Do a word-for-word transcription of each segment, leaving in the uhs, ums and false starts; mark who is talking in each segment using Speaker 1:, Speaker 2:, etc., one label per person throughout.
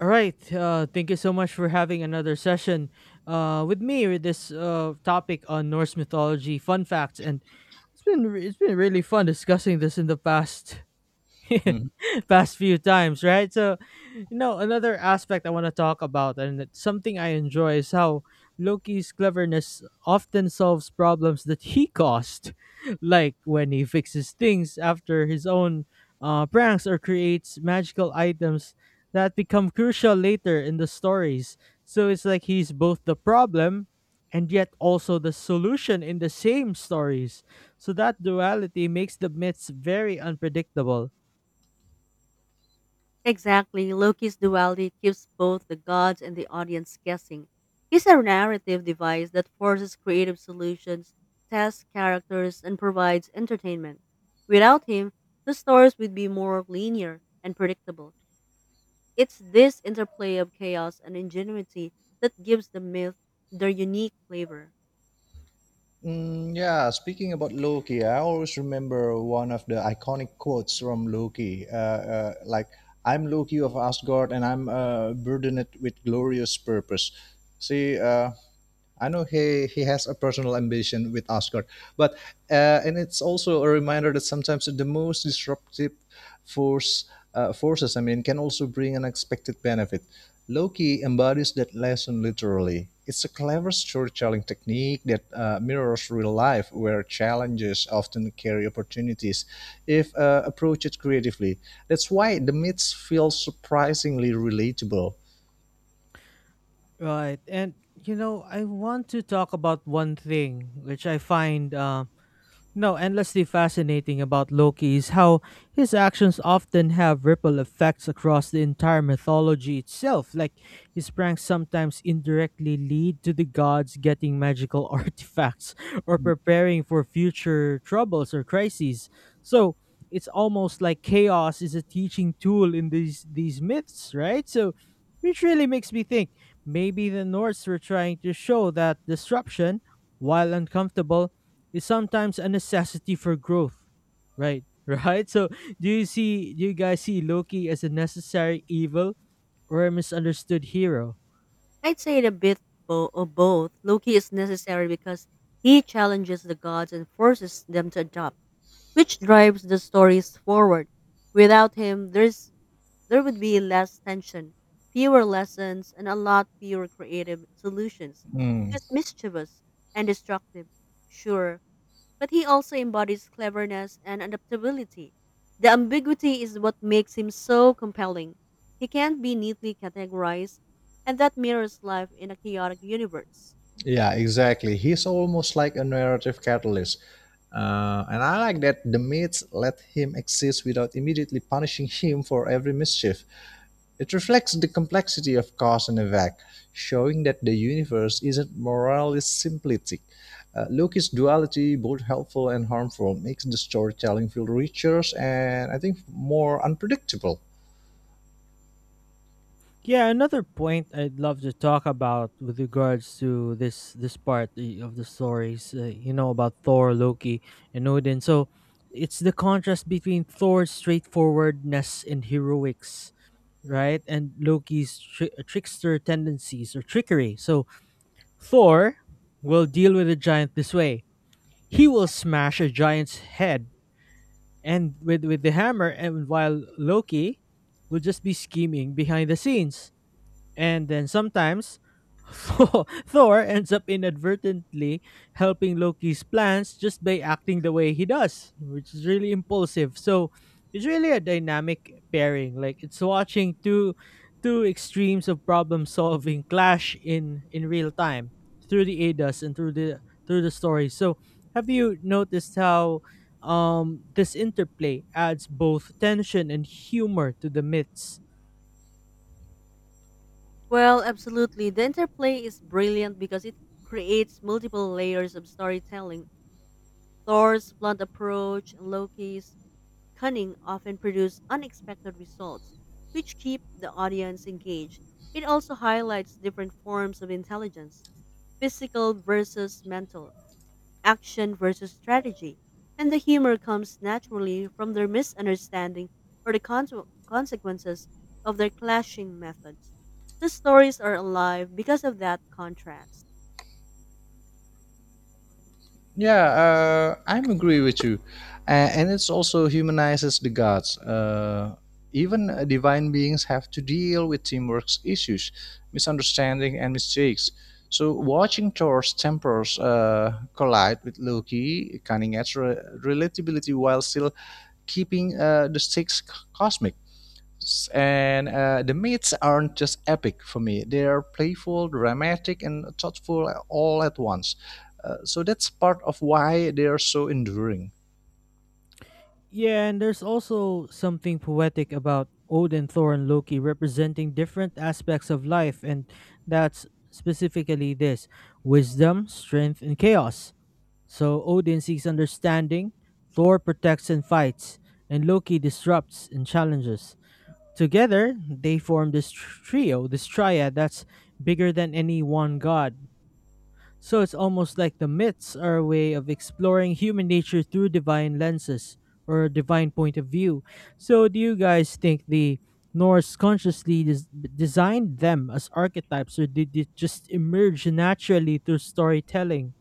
Speaker 1: All right. Uh, thank you so much for having another session uh, with me with this uh, topic on Norse mythology fun facts, and it's been re- it's been really fun discussing this in the past
Speaker 2: Mhm.
Speaker 1: past few times, right? So, you know, another aspect I want to talk about, and it's something I enjoy, is how Loki's cleverness often solves problems that he caused, like when he fixes things after his own uh, pranks, or creates magical items that become crucial later in the stories. So it's like he's both the problem and yet also the solution in the same stories. So that duality makes the myths very unpredictable.
Speaker 3: Exactly, Loki's duality keeps both the gods and the audience guessing. He's a narrative device that forces creative solutions, tests characters, and provides entertainment. Without him, the stories would be more linear and predictable. It's this interplay of chaos and ingenuity that gives the myth their unique flavor.
Speaker 2: Mm, yeah, speaking about Loki, I always remember one of the iconic quotes from Loki. Uh, uh, like, I'm Loki of Asgard and I'm uh, burdened with glorious purpose. See, uh, I know he, he has a personal ambition with Asgard, but uh, and it's also a reminder that sometimes the most disruptive force uh, forces, I mean, can also bring unexpected benefit. Loki embodies that lesson literally. It's a clever storytelling technique that uh, mirrors real life, where challenges often carry opportunities if uh, approached creatively. That's why the myths feel surprisingly relatable.
Speaker 1: Right. And you know, I want to talk about one thing which I find uh, no, endlessly fascinating about Loki is how his actions often have ripple effects across the entire mythology itself. Like, his pranks sometimes indirectly lead to the gods getting magical artifacts, or preparing for future troubles or crises. So, it's almost like chaos is a teaching tool in these these myths, right? So, which really makes me think maybe the Norse were trying to show that disruption, while uncomfortable, is sometimes a necessity for growth, right? Right. So, do you see? Do you guys see Loki as a necessary evil or a misunderstood hero?
Speaker 3: I'd say it a bit bo- of both. Loki is necessary because he challenges the gods and forces them to adapt which drives the stories forward. Without him, there's there would be less tension, fewer lessons, and a lot fewer creative solutions.
Speaker 2: Hmm.
Speaker 3: He's mischievous and destructive, sure, but he also embodies cleverness and adaptability. The ambiguity is what makes him so compelling. He can't be neatly categorized, and that mirrors life in a chaotic universe.
Speaker 2: Yeah, exactly. He's almost like a narrative catalyst. Uh, and I like that the myths let him exist without immediately punishing him for every mischief. It reflects the complexity of cause and effect, showing that the universe isn't morally simplistic. Uh, Loki's duality, both helpful and harmful, makes the storytelling feel richer and I think more unpredictable.
Speaker 1: Yeah, another point I'd love to talk about with regards to this this part i- of the stories, uh, you know, about Thor, Loki, and Odin. So it's the contrast between Thor's straightforwardness and heroics, right, and Loki's tri- trickster tendencies or trickery. So Thor will deal with the giant this way. He will smash a giant's head and with, with the hammer, and while Loki will just be scheming behind the scenes. And then sometimes Thor Thor ends up inadvertently helping Loki's plans just by acting the way he does, which is really impulsive. So it's really a dynamic pairing. Like it's watching two two extremes of problem solving clash in in real time through the A D A S, and through the through the story. So have you noticed how um this interplay adds both tension and humor to the myths?
Speaker 3: Well, absolutely. The interplay is brilliant because it creates multiple layers of storytelling. Thor's blunt approach and Loki's cunning often produce unexpected results, which keep the audience engaged. It also highlights different forms of intelligence physical versus mental, action versus strategy, and the humor comes naturally from their misunderstanding or the conse- consequences of their clashing methods. The stories are alive because of that contrast.
Speaker 2: Yeah, uh, I'm agree with you, A- and it's also humanizes the gods. Uh, even uh, divine beings have to deal with teamwork issues, misunderstanding, and mistakes. So watching Thor's tempers uh, collide with Loki, cunning adds re- relatability while still keeping uh, the stakes c- cosmic. S- And uh, the myths aren't just epic for me; they are playful, dramatic, and thoughtful all at once. Uh, so that's part of why they are so enduring.
Speaker 1: Yeah, and there's also something poetic about Odin, Thor, and Loki representing different aspects of life, and that's specifically this wisdom, strength, and chaos. So Odin seeks understanding, Thor protects and fights, and Loki disrupts and challenges. Together, they form this tr- trio, this triad that's bigger than any one god. So it's almost like the myths are a way of exploring human nature through divine lenses, or a divine point of view. So do you guys think the Norse consciously des- designed them as archetypes, or did it just emerge naturally through storytelling?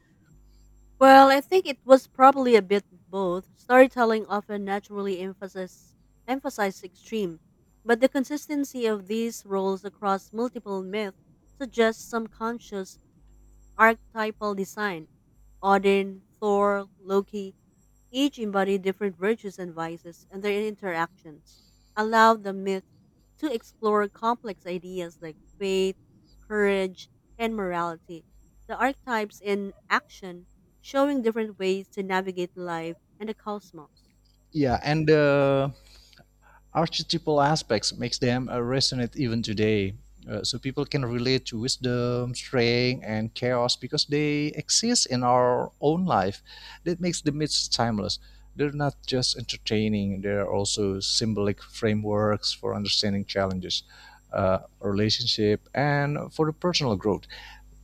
Speaker 3: Well, I think it was probably a bit both. Storytelling often naturally emphasizes emphasizes extreme, but the consistency of these roles across multiple myths suggests some conscious archetypal design. Odin, Thor, Loki, each embody different virtues and vices, and their interactions allow the myth to explore complex ideas like faith, courage, and morality. The archetypes in action, showing different ways to navigate life and the cosmos.
Speaker 2: Yeah, and the archetypal aspects makes them uh, resonate even today. Uh, so people can relate to wisdom, strength, and chaos because they exist in our own life. That makes the myths timeless. They're not just entertaining; they are also symbolic frameworks for understanding challenges, uh, relationship, and for the personal growth.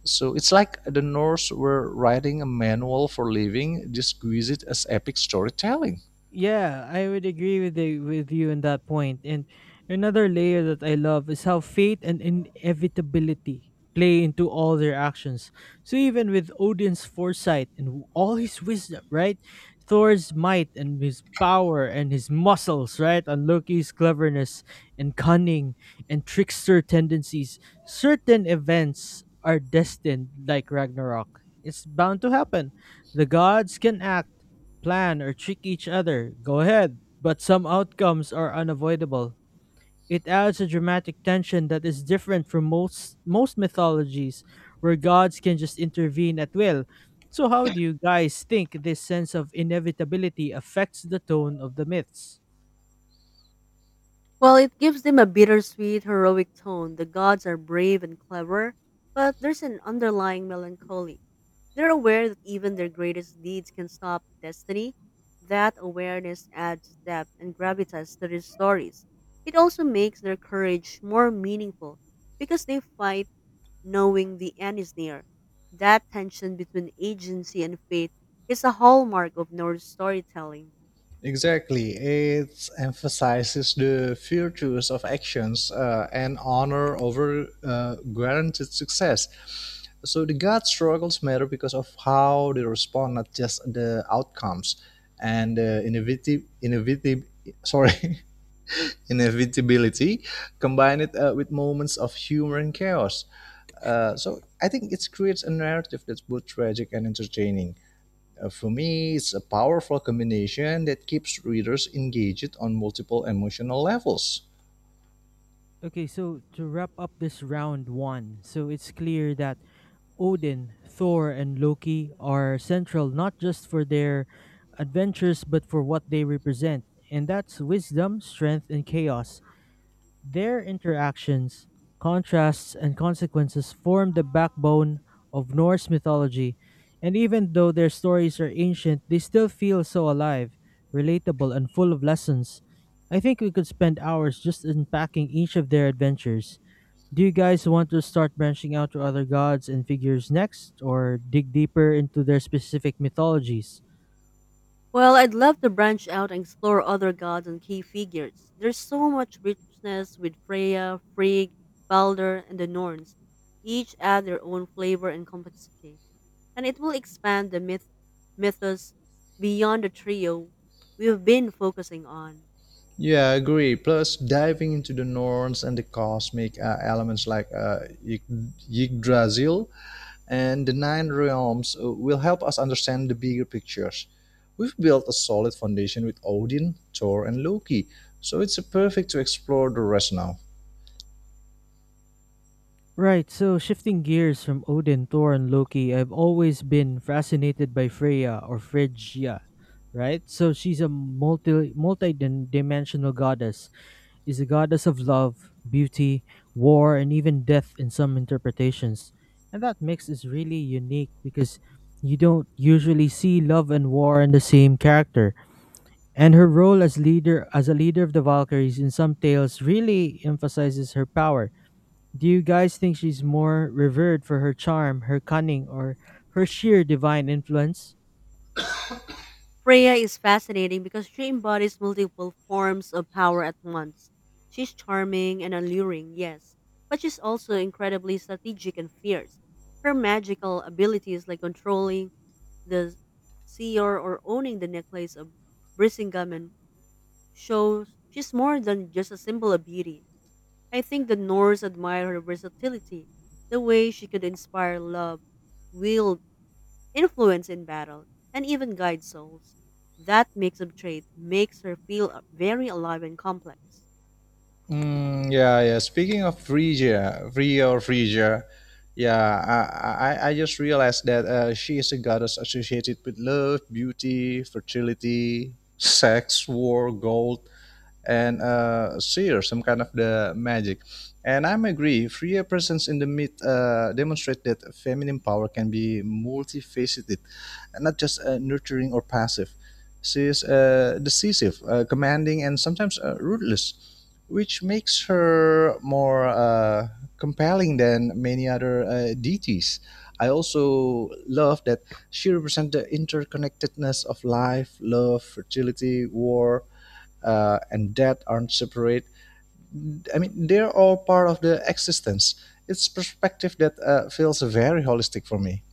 Speaker 2: So it's like the Norse were writing a manual for living, just squeeze it as epic storytelling.
Speaker 1: Yeah, I would agree with the, with you on that point. And another layer that I love is how fate and inevitability play into all their actions. So even with Odin's foresight and w- all his wisdom, right? Thor's might and his power and his muscles, right? And Loki's cleverness and cunning and trickster tendencies, certain events are destined, like Ragnarok. It's bound to happen. The gods can act, plan, or trick each other. Go ahead. But some outcomes are unavoidable. It adds a dramatic tension that is different from most most mythologies, where gods can just intervene at will. So how do you guys think this sense of inevitability affects the tone of the myths?
Speaker 3: While it gives them a bittersweet, heroic tone, the gods are brave and clever, but there's an underlying melancholy. They're aware that even their greatest deeds can stop destiny. That awareness adds depth and gravitas to their stories. It also makes their courage more meaningful because they fight knowing the end is near. That tension between agency and fate is a hallmark of Norse storytelling.
Speaker 2: Exactly. It emphasizes the virtues of actions uh, and honor over uh, guaranteed success. So the God struggles matter because of how they respond, not just the outcomes. And the innovative, innovative, sorry, inevitability, combine it uh, with moments of humor and chaos. Uh, so I think it creates a narrative that's both tragic and entertaining. Uh, For me, it's a powerful combination that keeps readers engaged on multiple emotional levels.
Speaker 1: Okay, so to wrap up this round one, so it's clear that Odin, Thor, and Loki are central not just for their adventures, but for what they represent, and that's wisdom, strength, and chaos. Their interactions, contrasts, and consequences form the backbone of Norse mythology, and even though their stories are ancient, they still feel so alive, relatable, and full of lessons. I think we could spend hours just unpacking each of their adventures. Do you guys want to start branching out to other gods and figures next, or dig deeper into their specific mythologies?
Speaker 3: Well, I'd love to branch out and explore other gods and key figures. There's so much richness with Freya, Frigg, Balder, and the Norns. Each add their own flavor and complexity, and it will expand the myth mythos beyond the trio we've been focusing on.
Speaker 2: Yeah, I agree. Plus, diving into the Norns and the cosmic uh, elements like uh, Ygd- Yggdrasil and the Nine Realms uh, will help us understand the bigger pictures. We've built a solid foundation with Odin, Thor, and Loki, so it's uh, perfect to explore the rest now.
Speaker 1: Right, so shifting gears from Odin, Thor, and Loki, I've always been fascinated by Freya, or Phrygia, right? So she's a multi multi dimensional goddess, is a goddess of love, beauty, war, and even death in some interpretations. And that mix is really unique because you don't usually see love and war in the same character. And her role as leader as a leader of the Valkyries in some tales really emphasizes her power. Do you guys think she's more revered for her charm, her cunning, or her sheer divine influence?
Speaker 3: Freya is fascinating because she embodies multiple forms of power at once. She's charming and alluring, yes, but she's also incredibly strategic and fierce. Her magical abilities, like controlling the seer or owning the necklace of Brisingamen, shows she's more than just a symbol of beauty. I think the Norse admire her versatility, the way she could inspire love, wield influence in battle, and even guide souls. That mix of trait makes her feel a- very alive and complex.
Speaker 2: Mm, yeah, yeah. Speaking of Phrygia, Phrygia or Phrygia, yeah, I, I, I just realized that uh, she is a goddess associated with love, beauty, fertility, sex, war, gold, and uh, share some kind of the magic. And I'm agree, freer presence in the myth uh, demonstrate that feminine power can be multifaceted, and not just uh, nurturing or passive. She is uh, decisive, uh, commanding, and sometimes uh, ruthless, which makes her more uh, compelling than many other uh, deities. I also love that she represents the interconnectedness of life, love, fertility, war, uh, and death aren't separate. I mean, they're all part of the existence. It's perspective that uh, feels very holistic for me.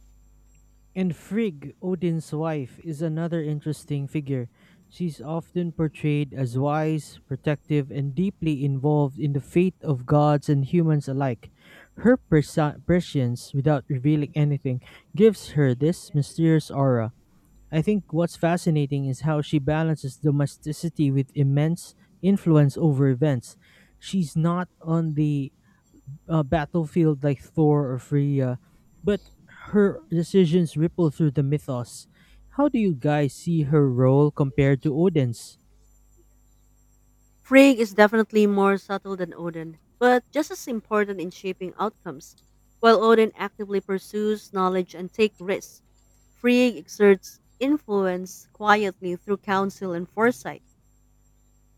Speaker 1: And Frigg, Odin's wife, is another interesting figure. She's often portrayed as wise, protective, and deeply involved in the fate of gods and humans alike. Her presi- prescience, without revealing anything, gives her this mysterious aura. I think what's fascinating is how she balances domesticity with immense influence over events. She's not on the uh, battlefield like Thor or Freya, but her decisions ripple through the mythos. How do you guys see her role compared to Odin's?
Speaker 3: Frigg is definitely more subtle than Odin, but just as important in shaping outcomes. While Odin actively pursues knowledge and takes risks, Frigg exerts influence quietly through counsel and foresight,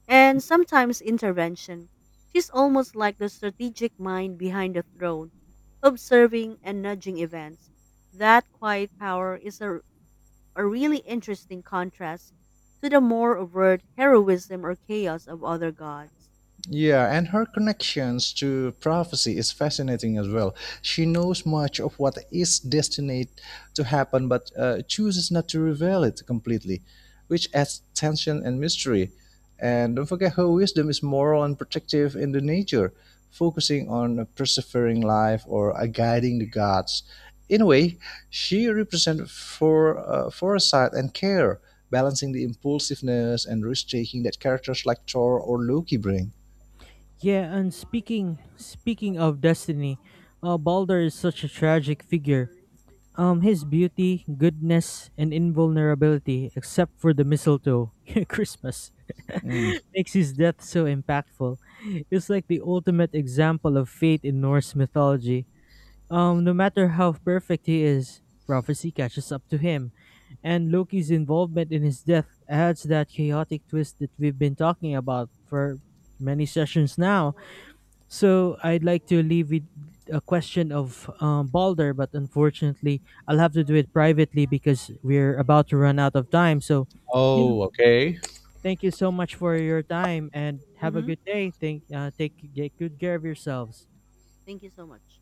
Speaker 3: and sometimes intervention. She's almost like the strategic mind behind the throne, observing and nudging events. That quiet power is a, a really interesting contrast to the more overt heroism or chaos of other gods.
Speaker 2: Yeah, and her connections to prophecy is fascinating as well. She knows much of what is destined to happen, but uh, chooses not to reveal it completely, which adds tension and mystery. And don't forget, her wisdom is moral and protective in the nature, focusing on a persevering life or a guiding the gods. In a way, she represents for uh, foresight and care, balancing the impulsiveness and risk taking that characters like Thor or Loki bring.
Speaker 1: Yeah, and speaking speaking of destiny, uh, Balder is such a tragic figure. Um, his beauty, goodness, and invulnerability, except for the mistletoe, Christmas,
Speaker 2: Mm.
Speaker 1: makes his death so impactful. It's like the ultimate example of fate in Norse mythology. Um, no matter how perfect he is, prophecy catches up to him, and Loki's involvement in his death adds that chaotic twist that we've been talking about for many sessions now. So I'd like to leave with a question of um, Balder, but unfortunately, I'll have to do it privately because we're about to run out of time. So, you know,
Speaker 2: Oh, okay.
Speaker 1: Thank you so much for your time and have a
Speaker 3: Hmm.
Speaker 1: good day. Thank, uh, take get good care of yourselves.
Speaker 3: Thank you so much.